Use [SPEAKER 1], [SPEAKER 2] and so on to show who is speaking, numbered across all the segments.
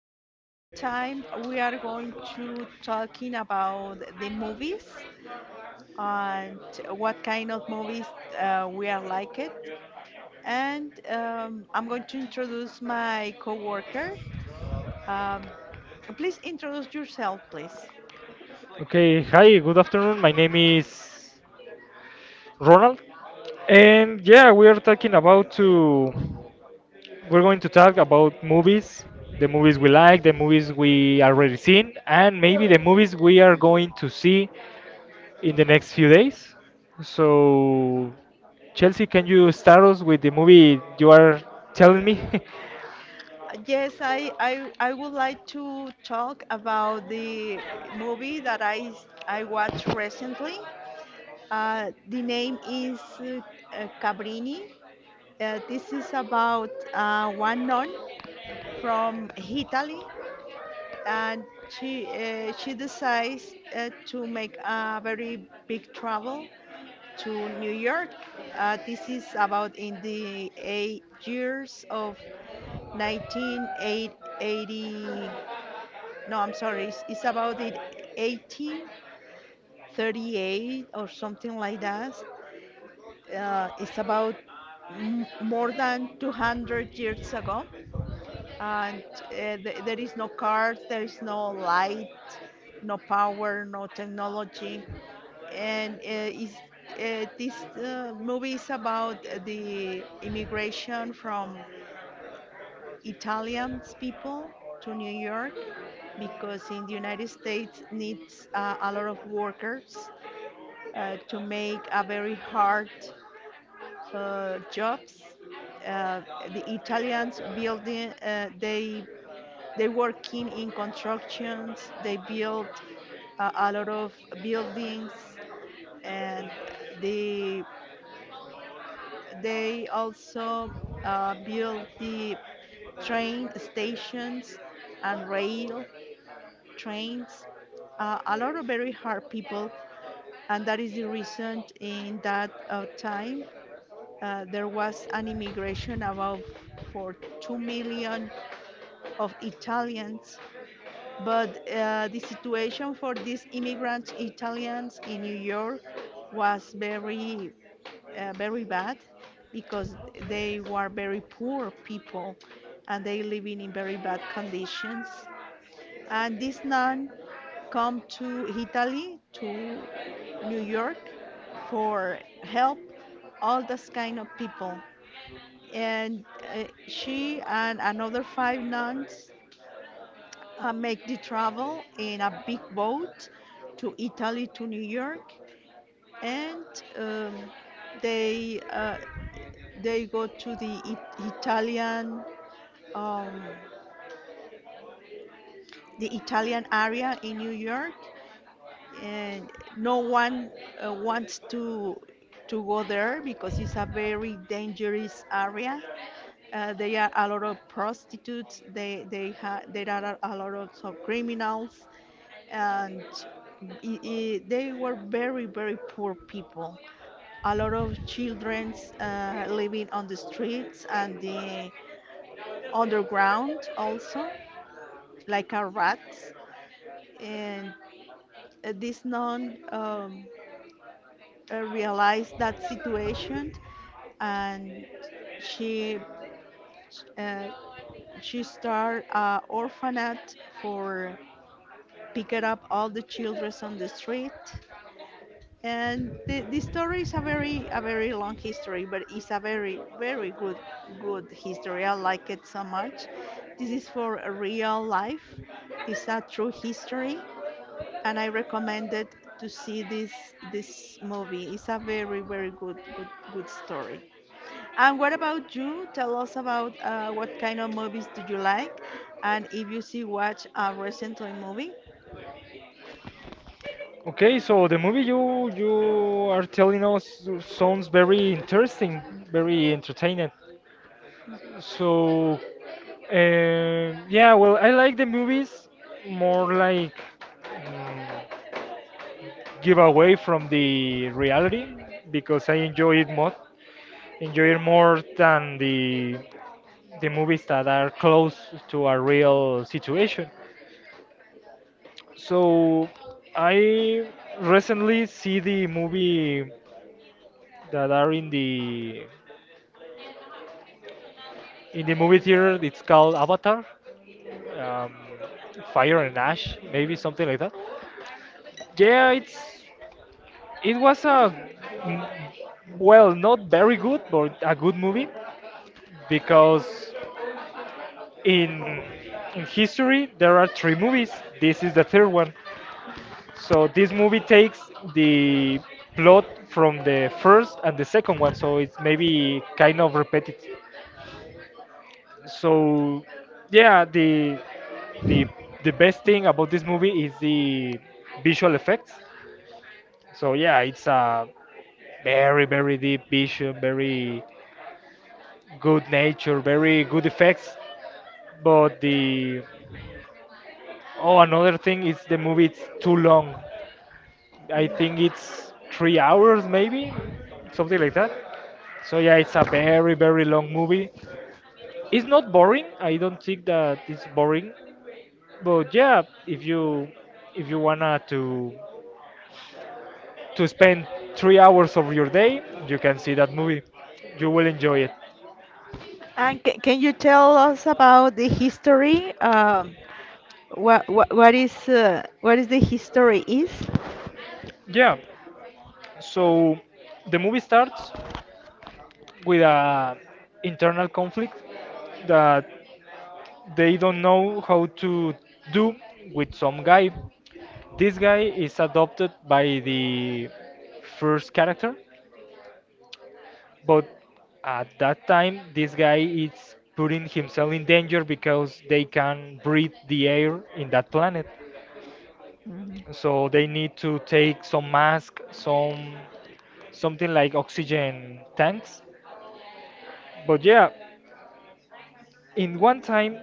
[SPEAKER 1] this time, we are going to talking about the movies and what kind of movies we are like it. And I'm going to introduce my coworker. Um, Please introduce yourself, please.
[SPEAKER 2] Okay, hi, good afternoon. My name is Ronald. And yeah, we are talking about to we're going to talk about movies, the movies we like, the movies we already seen, and maybe the movies we are going to see in the next few days. So, Chelsea, can you start us with the movie you are telling me?
[SPEAKER 1] Yes, I would like to talk about the movie that I watched recently. The name is Cabrini. This is about one nun from Italy, and she decides to make a very big travel to New York. This is about in the 8 years of 1980. No, I'm sorry. It's about the 1838 or something like that. Is about more than 200 years ago, and there is no cars, there is no light, no power, no technology, and is this movie is about the immigration from Italian people to New York because in the United States needs a lot of workers to make a very hard jobs. Uh, the Italians building, uh, they working in constructions. They build a lot of buildings, and the they also build the train stations and rail trains. A lot of very hard people, and that is the reason in that time there was an immigration about for 2 million of Italians. But the situation for these immigrant Italians in New York was very bad because they were very poor people and they living in very bad conditions. And this nun come to Italy, to New York, for help all those kind of people, and she and another five nuns make the travel in a big boat to Italy to New York, and um, they uh, they go to the Italian um, the Italian area in New York, and no one wants to go there because it's a very dangerous area. They are a lot of prostitutes. There are a lot of some criminals, and I they were very poor people. A lot of children living on the streets and the underground also, like a rat. And this nun realized that situation, and she uh, she started an orphanage for picked up all the children on the street. And the story is a very long history, but it's a very very good good history. I like it so much. This is for a real life. It's a true history, and I recommend it to see this movie. It's a very very good story. And what about you? Tell us about what kind of movies do you like, and if you see watch a recently movie.
[SPEAKER 2] Okay, so the movie you are telling us sounds very interesting, very entertaining. So, yeah, well, I like the movies more like mm, give away from the reality because I enjoy it more than the movies that are close to a real situation. So I recently see the movie that are in the movie theater. It's called Avatar, um, Fire and Ash, maybe something like that. Yeah, it was a well, not very good, but a good movie because in in history there are three movies. This is the third one. So this movie takes the plot from the first and the second one, so it's maybe kind of repetitive. So yeah, the the best thing about this movie is the visual effects. So yeah, it's a very very deep vision, very good nature, very good effects. But the oh, another thing is the movie it's too long. I think it's 3 hours maybe, something like that. So yeah, it's a very very long movie. It's not boring. I don't think that it's boring. But yeah, if you wanna to spend 3 hours of your day, you can see that movie. You will enjoy it.
[SPEAKER 1] Can you tell us about the history? What what is the history is?
[SPEAKER 2] Yeah. So the movie starts with a internal conflict that they don't know how to do with some guy. This guy is adopted by the first character, but at that time this guy is putting himself in danger because they can breathe the air in that planet.
[SPEAKER 1] Mhm.
[SPEAKER 2] So they need to take some mask, something like oxygen tanks. But yeah, in one time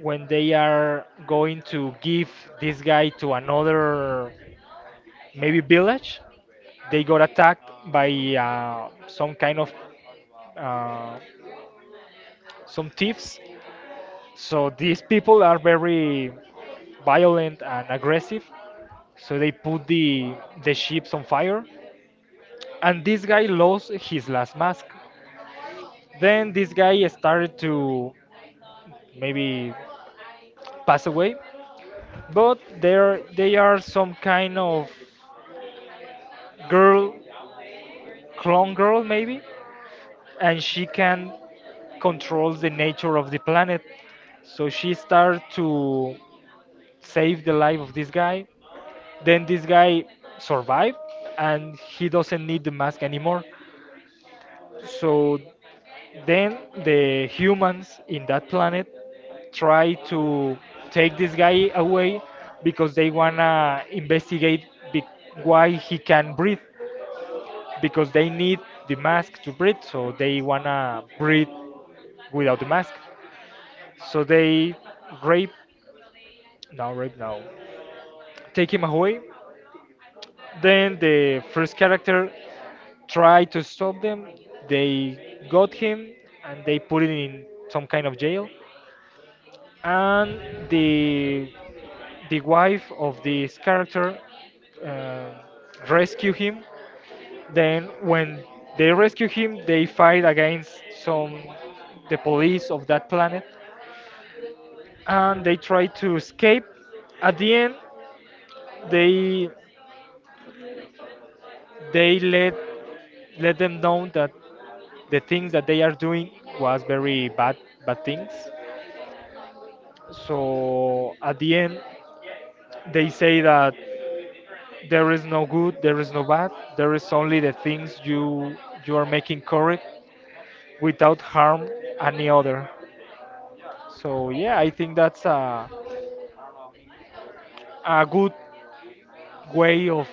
[SPEAKER 2] when they are going to give this guy to another maybe village, they got attacked by some kind of uh, some thieves, so these people are very violent and aggressive, so they put the ships on fire, and this guy lost his last mask. Then this guy started to maybe pass away, but there they are some kind of girl, clone girl maybe, and she can control the nature of the planet. So she started to save the life of this guy. Then this guy survived, and he doesn't need the mask anymore. So then the humans in that planet try to take this guy away because they wanna investigate, be- why he can breathe, because they need the mask to breathe, so they wanna breathe without the mask. So they rape, no, rape, no, take him away. Then the first character tried to stop them. They got him and they put him in some kind of jail. And the the wife of this character uh, rescue him. Then, when they rescue him, they fight against some the police of that planet, and they try to escape. At the end, they they let them know that the things that they are doing was very bad things. So at the end, they say that there is no good, there is no bad, there is only the things you are making correct, without harm any other. So yeah, I think that's a good way of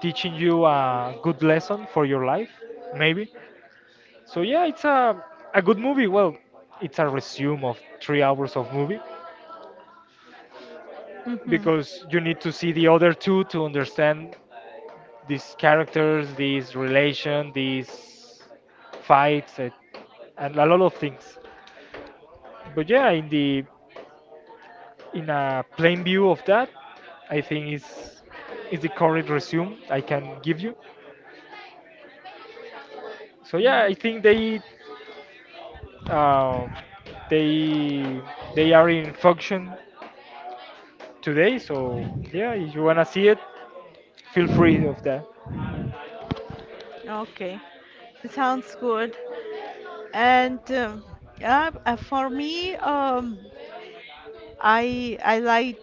[SPEAKER 2] teaching you a good lesson for your life, maybe. So yeah, it's a good movie. Well, it's a resume of 3 hours of movie
[SPEAKER 1] Mhm.
[SPEAKER 2] because you need to see the other two to understand these characters, these relation, these fights, and a lot of things. But yeah, in the in a plain view of that, I think is the correct resume I can give you. So yeah, I think they Um, they they are in function today, so yeah, if you wanna see it, feel free of that.
[SPEAKER 1] Okay, it sounds good. And For me, I like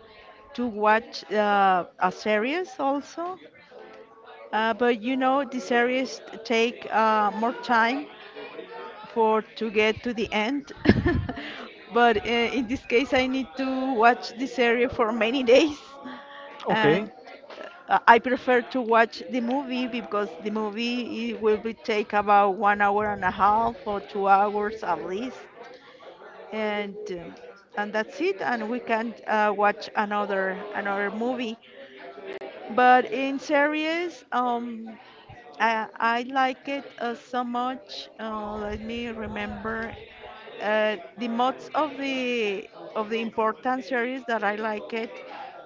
[SPEAKER 1] to watch a series also, but you know the series take more time for to get to the end. But in this case, I need to watch this series for many days, and
[SPEAKER 2] Okay,
[SPEAKER 1] I prefer to watch the movie because the movie it will be take about 1 hour and a half or 2 hours at least, and um, and that's it. And we can watch another movie. But in series, I like it so much. Let me remember the most of the important series that I like it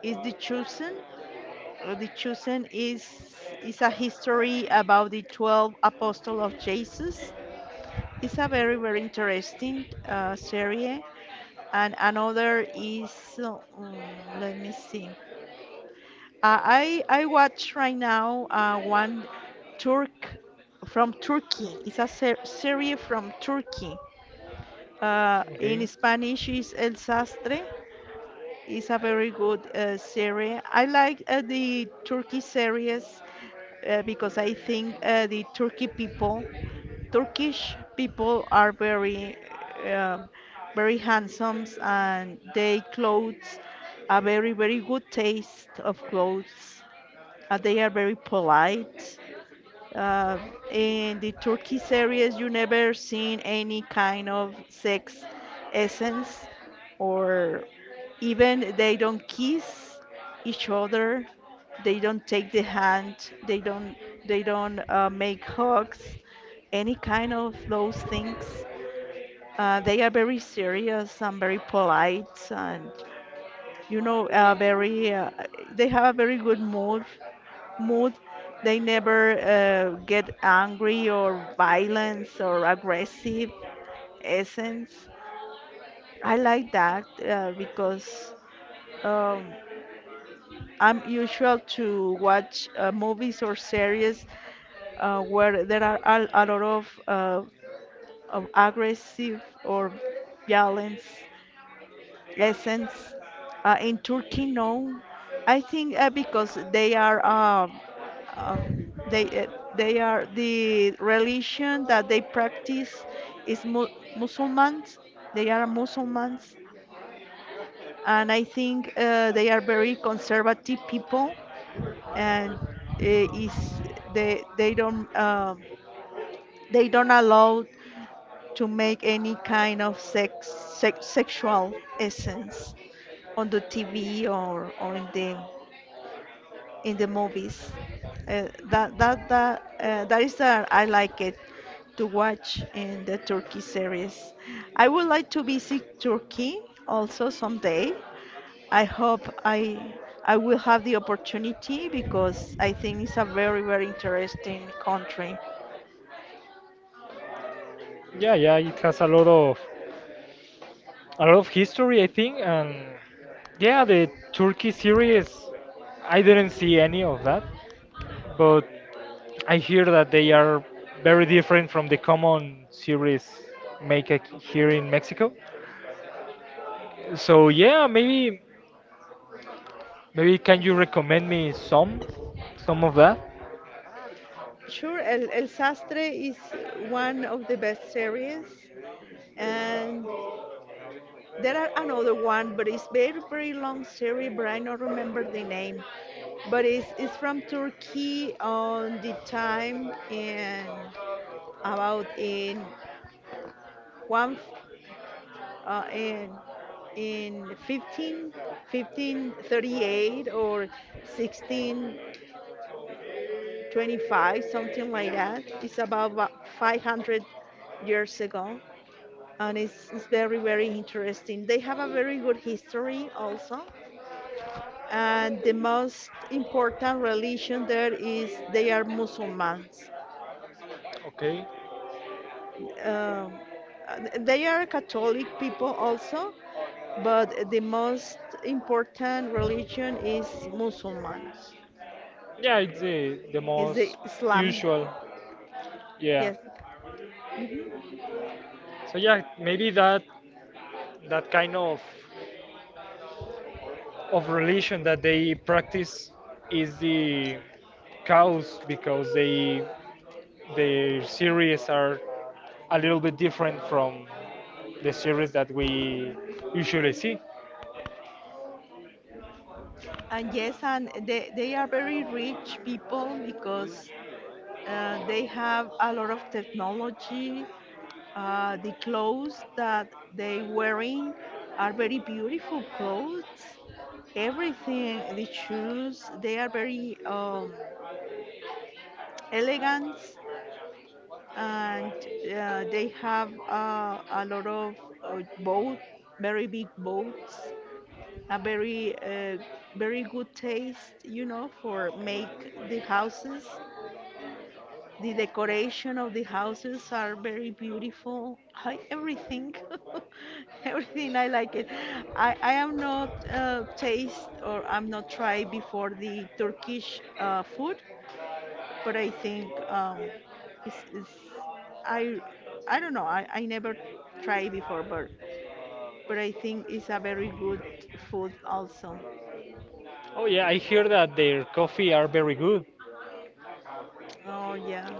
[SPEAKER 1] is The Chosen. The Chosen is a history about the 12 apostles of Jesus. It's a very very interesting series. And another is uh, mm, let me see. I watch right now one Turk from Turkey. It's a series from Turkey. In
[SPEAKER 2] okay,
[SPEAKER 1] Spanish is El Sastre. It's a very good series. I like the Turkey series because I think the Turkey people, Turkish people are um very handsome and they clothes a very very good taste of clothes. They are very polite. Uh, in the Turkish areas, you never seen any kind of sex essence, or even they don't kiss each other. They don't take the hand. They don't. They don't make hugs. Any kind of those things. They are very serious and very polite, and you know, very. They have a very good mood. They never get angry or violence or aggressive essence. I like that because um, I'm usual to watch movies or series where there are a lot of aggressive or violence essence in Turkey. No, I think because they are um, they uh, they are the religion that they practice is Muslims. They are Muslims, and I think they are very conservative people, and is they they don't um they don't allow to make any kind of sex, sexual essence on the TV or in the movies. That is that I like it to watch in the Turkey series. I would like to visit Turkey also someday. I hope I will have the opportunity because I think it's a very very interesting country.
[SPEAKER 2] yeah, yeah, it has a lot of history, I think, and yeah, the Turkey series, I didn't see any of that, but I hear that they are very different from the common series make here in Mexico. So yeah, maybe can you recommend me some of that?
[SPEAKER 1] Sure, El Sastre is one of the best series, and there are another one, but it's very very long series, but I don't remember the name. But it's from Turkey on the time in about in one uh, in in 15 1538 or 1625 something like that. It's about 500 years ago, and it's very very interesting. They have a very good history also, and the most important religion there is they are Muslims.
[SPEAKER 2] Okay.
[SPEAKER 1] Uh, they are Catholic people also, but the most important religion is Muslims.
[SPEAKER 2] Yeah, it's the
[SPEAKER 1] Is the
[SPEAKER 2] most
[SPEAKER 1] Islam?
[SPEAKER 2] usual. Yeah.
[SPEAKER 1] Yes,
[SPEAKER 2] So yeah, maybe that kind of religion that they practice is the cause because they their series are a little bit different from the series that we usually see.
[SPEAKER 1] and yes, and they are very rich people because they have a lot of technology. The clothes that they wearing are very beautiful clothes. Everything, the shoes, they are very elegant, and they have a lot of boat, very big boats, a very good taste, you know, for make the houses. The decoration of the houses are very beautiful. I, everything, everything I like it. I am not taste or I'm not try before the Turkish food, but I think it's I I don't know. I never try before, but I think it's a very good food also.
[SPEAKER 2] Oh yeah, I hear that their coffee are very good.
[SPEAKER 1] Oh yeah,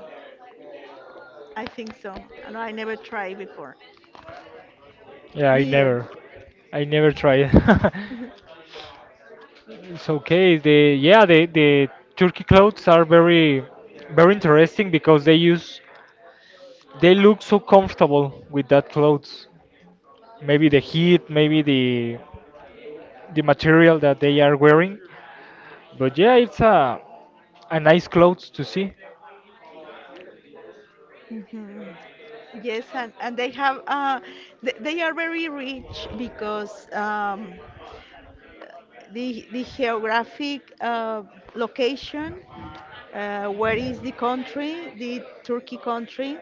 [SPEAKER 1] I think so. No, I never try before.
[SPEAKER 2] Yeah, I
[SPEAKER 1] Neither.
[SPEAKER 2] never I never tried. It's okay. The Yeah, the Turkey clothes are very very interesting because they look so comfortable with that clothes. Maybe the heat, maybe the material that they are wearing. But yeah, it's a nice clothes to see.
[SPEAKER 1] Yes, and they have they are very rich because the geographic location where is the country, the Turkey country,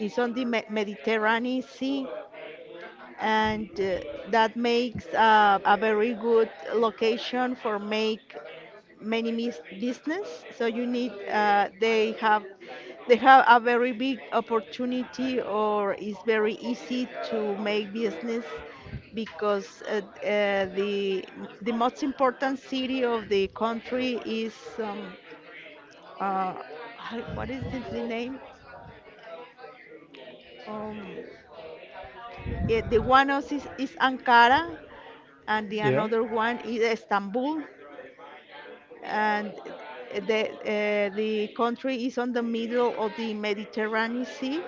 [SPEAKER 1] is on the Mediterranean Sea, and that makes a very good location for make many business. So you need they have a very big opportunity, or it's very easy to make business because the most important city of the country is um, uh, what is the name? Um, yeah, the one of is Ankara, and the
[SPEAKER 2] Yeah.
[SPEAKER 1] another one is Istanbul, and the country is on the middle of the Mediterranean Sea,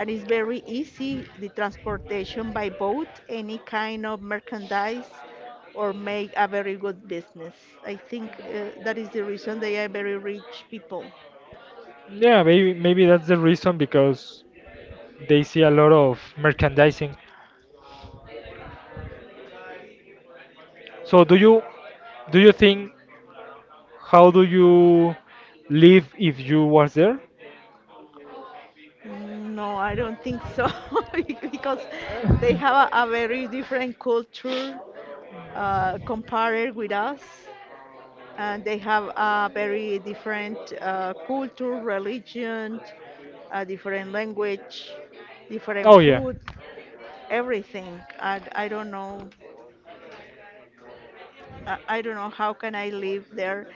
[SPEAKER 1] and it's very easy the transportation by boat, any kind of merchandise, or make a very good business. I think that is the reason they are very rich people.
[SPEAKER 2] Yeah, maybe that's the reason because they see a lot of merchandising. So do you think how do you live if you was there?
[SPEAKER 1] Mm, no, I don't think so, because they have a very different culture compared with us, and they have a very different culture, religion, a different language, different
[SPEAKER 2] Oh yeah.
[SPEAKER 1] food, everything. And I don't know, I don't know how can I live there.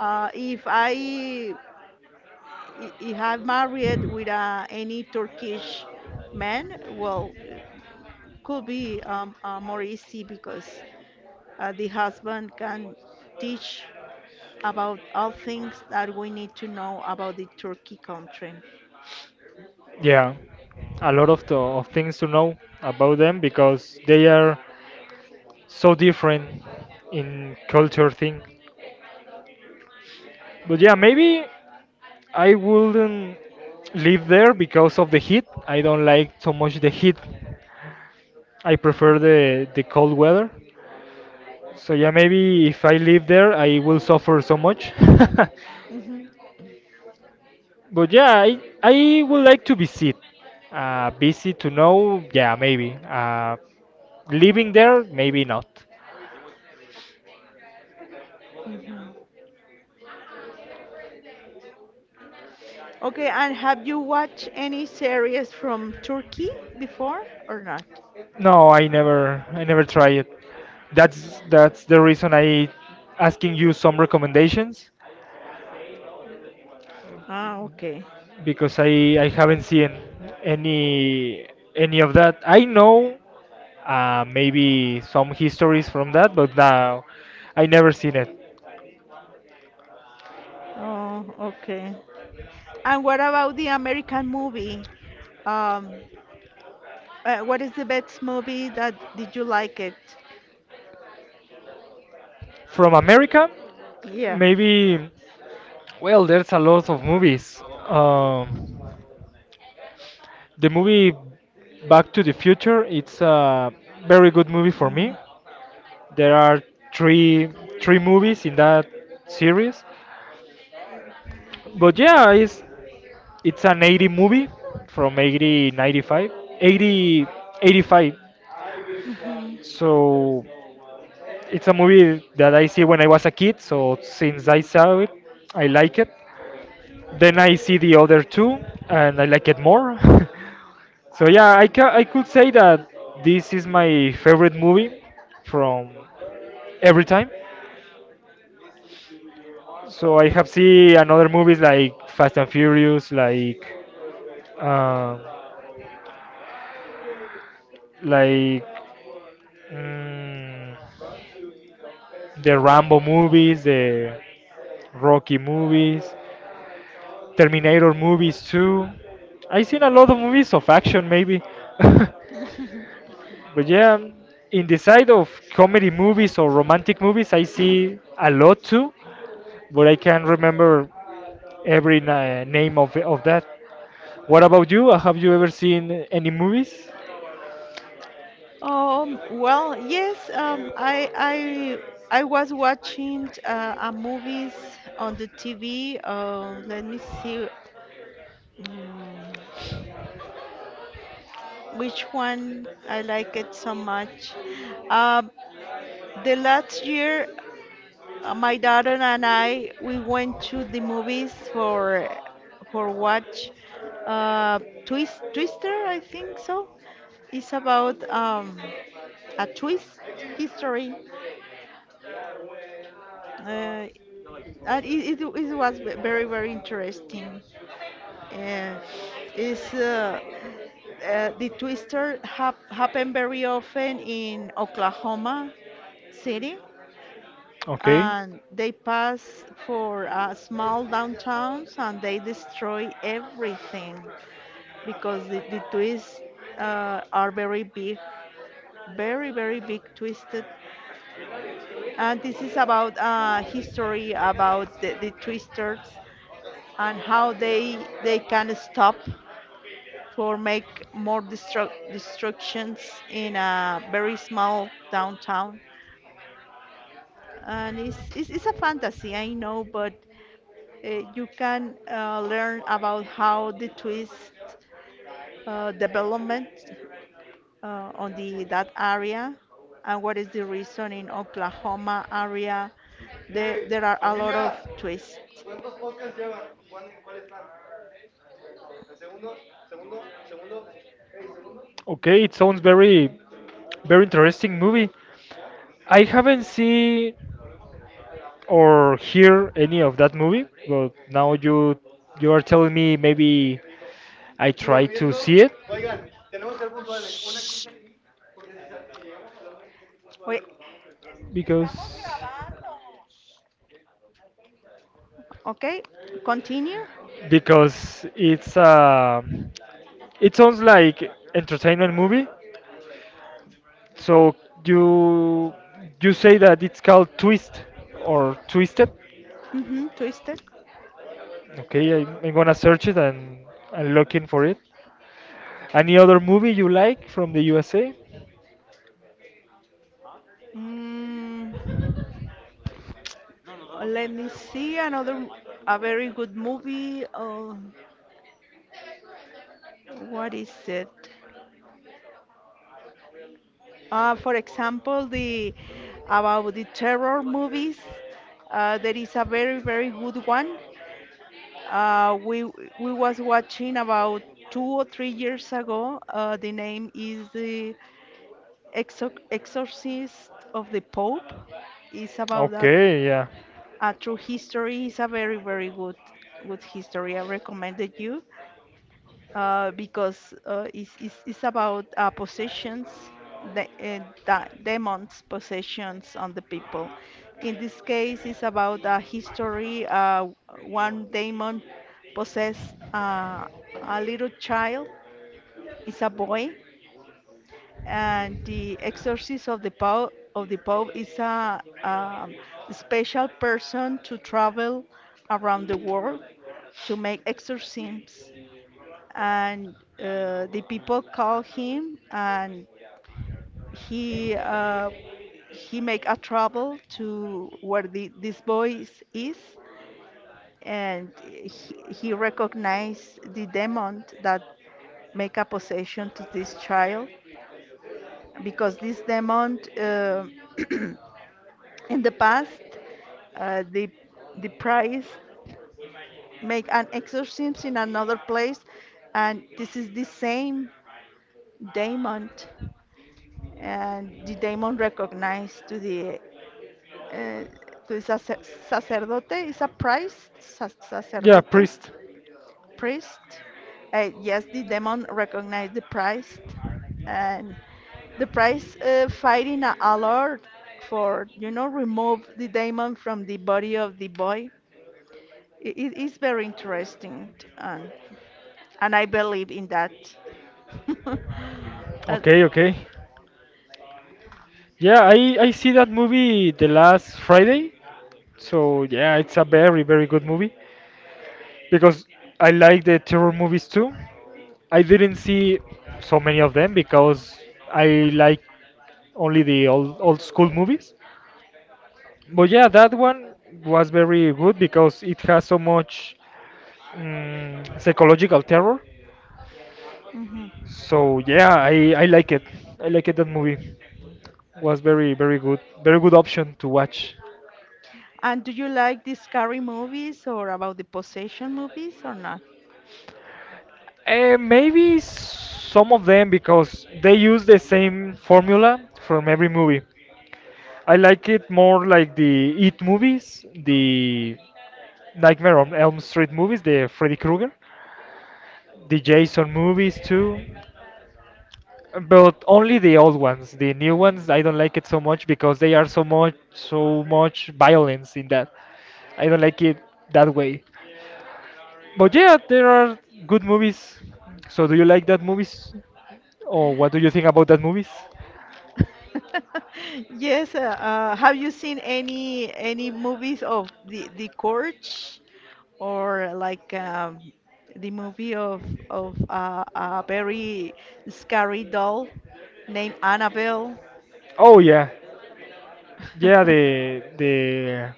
[SPEAKER 1] Uh, if I if I married with any Turkish man, well, could be more easy because the husband can teach about all things that we need to know about the Turkey country.
[SPEAKER 2] Yeah, a lot of of things to know about them because they are so different in culture thing, but yeah maybe I wouldn't live there because of the heat. I don't like so much the heat. I prefer the cold weather, so yeah maybe if I live there I will suffer so much.
[SPEAKER 1] Mhm,
[SPEAKER 2] But yeah, I would like to visit, visit to know. Yeah, maybe living there, maybe not.
[SPEAKER 1] mhm. Okay, and have you watched any series from Turkey before or not?
[SPEAKER 2] No, I never try it. That's the reason I asking you some recommendations
[SPEAKER 1] Ah, okay.
[SPEAKER 2] because I haven't seen any any of that. I know maybe some histories from that, but now I never seen it.
[SPEAKER 1] Oh, okay. And what about the American movie? Um, what is the best movie that did you like it?
[SPEAKER 2] From America,
[SPEAKER 1] Yeah.
[SPEAKER 2] maybe well, there's a lot of movies. Um, the movie Back to the Future, it's a very good movie for me.
[SPEAKER 1] Mm.
[SPEAKER 2] There are three three movies in that series. But yeah, it's an 80 movie from 80 95 80 85.
[SPEAKER 1] Mhm.
[SPEAKER 2] So it's a movie that I see when I was a kid, so since I saw it, I like it. Then I see the other two and I like it more. So yeah, I could say that this is my favorite movie from every time. So I have seen another movies like Fast and Furious, um, like mm, the Rambo movies, the Rocky movies, Terminator movies too. I seen a lot of movies of action maybe, but yeah, in the side of comedy movies or romantic movies, I see a lot too, but I can't remember every name of that. What about you? Have you ever seen any movies?
[SPEAKER 1] Well, yes, I was watching a movies on the TV. Let me see. Mm, which one? I like it so much. Uh, the last year, my daughter and I we went to the movies for watch uh, Twister, I think so. It's about a twist history. Uh, it was very very interesting. Uh, is The twister happen very often in Oklahoma City,
[SPEAKER 2] Okay.
[SPEAKER 1] and they pass for small downtowns and they destroy everything because the twists are very big, very, very big twisted. And this is about history, about the twisters and how they can stop for make more destructions in a very small downtown. And it's a fantasy, I know, but you can learn about how the twist development on the that area and what is the reason in Oklahoma area there are a lot of twists.
[SPEAKER 2] Okay, it sounds very very interesting movie. I haven't seen or hear any of that movie, but now you are telling me maybe I try to see it.
[SPEAKER 1] Shh. Wait,
[SPEAKER 2] Because
[SPEAKER 1] okay, continue.
[SPEAKER 2] because it's it sounds like entertainment movie. So you you say that it's called twist or twisted?
[SPEAKER 1] Mm-hmm, twisted.
[SPEAKER 2] Okay, I'm gonna search it and I'm looking for it. Any other movie you like from the USA?
[SPEAKER 1] Mm, let me see another a very good movie. What is it? For example, the about the terror movies, there is a very very good one. Uh, we we was watching about 2 or 3 years ago. The name is the Exorcist of the Pope. It's about that
[SPEAKER 2] Okay, yeah,
[SPEAKER 1] a true history. It's a very very good good history. I recommended you. Because it's about possessions, the, uh, demons' possessions on the people. In this case, it's about history. One demon possessed a little child, it's a boy, and the exorcist of the Pope is a special person to travel around the world to make exorcisms and the people call him and he uh, he make a trouble to where this boy is and he recognize the demon that make a possession to this child because this demon in the past uh, the the priest make an exorcism in another place and this is the same demon and the demon recognized uh, to the sacerdote is a priest
[SPEAKER 2] yeah,
[SPEAKER 1] sacerdote
[SPEAKER 2] Priest.
[SPEAKER 1] priest yes the demon recognized the priest and the priest fighting a lord for you know remove the demon from the body of the boy it is very interesting and I believe in that Uh,
[SPEAKER 2] Okay, okay. Yeah, I see that movie the last Friday. So yeah, it's a very very good movie because I like the terror movies too. I didn't see so many of them because I like only the old school movies. But yeah, that one was very good because it has so much psychological terror.
[SPEAKER 1] mhm.
[SPEAKER 2] So yeah, I like it. I like it. That movie was very very good. Very good option to watch.
[SPEAKER 1] And do you like the scary movies or about the possession movies or not?
[SPEAKER 2] Maybe some of them because they use the same formula from every movie. I like it more like the It movies, the Nightmare on Elm Street movies, the Freddy Krueger, the Jason movies too, but only the old ones. The new ones I don't like it so much because they are so much violence in that. I don't like it that way. But yeah, there are good movies. So do you like that movies? Or what do you think about that movies?
[SPEAKER 1] Yes, have you seen any movies of the Corch or like the movie of a very scary doll named Annabelle?
[SPEAKER 2] Oh yeah. Yeah, the the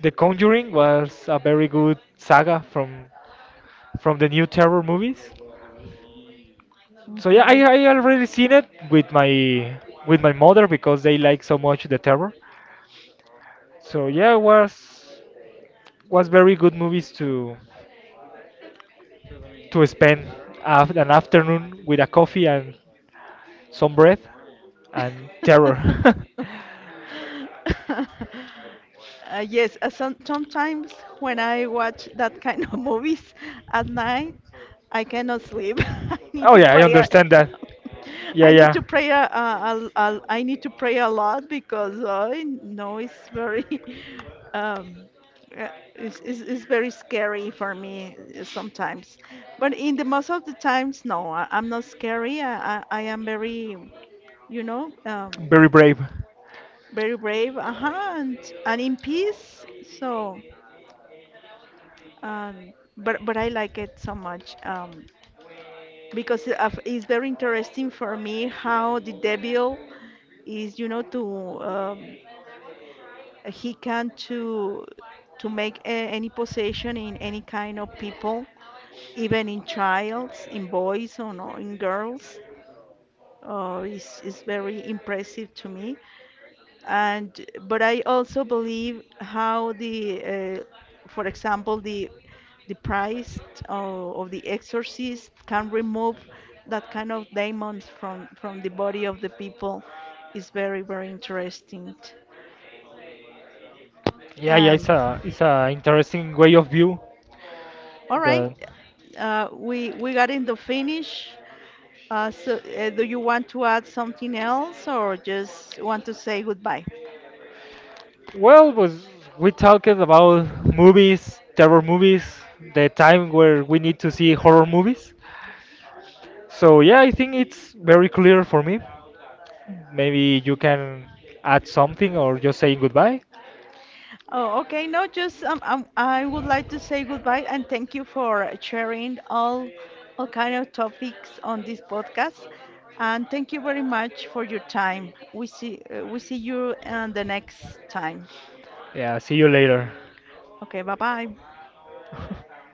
[SPEAKER 2] the Conjuring was a very good saga from the new terror movies. So yeah, I
[SPEAKER 1] Mhm.
[SPEAKER 2] I already seen it with my mother because they like so much the terror. So yeah, it was very good movies to spend an afternoon with a coffee and some bread and terror.
[SPEAKER 1] Yes, sometimes when I watch that kind of movies at night, I cannot sleep. I need
[SPEAKER 2] Oh
[SPEAKER 1] to
[SPEAKER 2] yeah, I
[SPEAKER 1] pray.
[SPEAKER 2] understand that. Yeah,
[SPEAKER 1] I need
[SPEAKER 2] yeah,
[SPEAKER 1] to pray. I need to pray a lot because I know it's very, um, uh, it's very scary for me sometimes. But in the most of the times, no, I'm not scary. I am very you know,
[SPEAKER 2] very brave.
[SPEAKER 1] very brave, uh-huh, and in peace. So, but I like it so much because it's very interesting for me how the devil is, you know, to he can to make any possession in any kind of people, even in childs, in boys or no, in girls. Is very impressive to me and but I also believe how the for example the price of the exorcist can remove that kind of demons from the body of the people is very very interesting
[SPEAKER 2] Yeah, yeah, it's
[SPEAKER 1] and
[SPEAKER 2] a interesting way of view.
[SPEAKER 1] all right
[SPEAKER 2] The
[SPEAKER 1] we got in the finish so do you want to add something else or just want to say goodbye?
[SPEAKER 2] Well, was we talked about movies, terror movies, the time where we need to see horror movies. So yeah, I think it's very clear for me. Maybe you can add something or just saying goodbye.
[SPEAKER 1] Oh, okay. No, just I would like to say goodbye and thank you for sharing all kind of topics on this podcast. And thank you very much for your time. We see you the next time.
[SPEAKER 2] Yeah, see you later.
[SPEAKER 1] Okay, bye bye.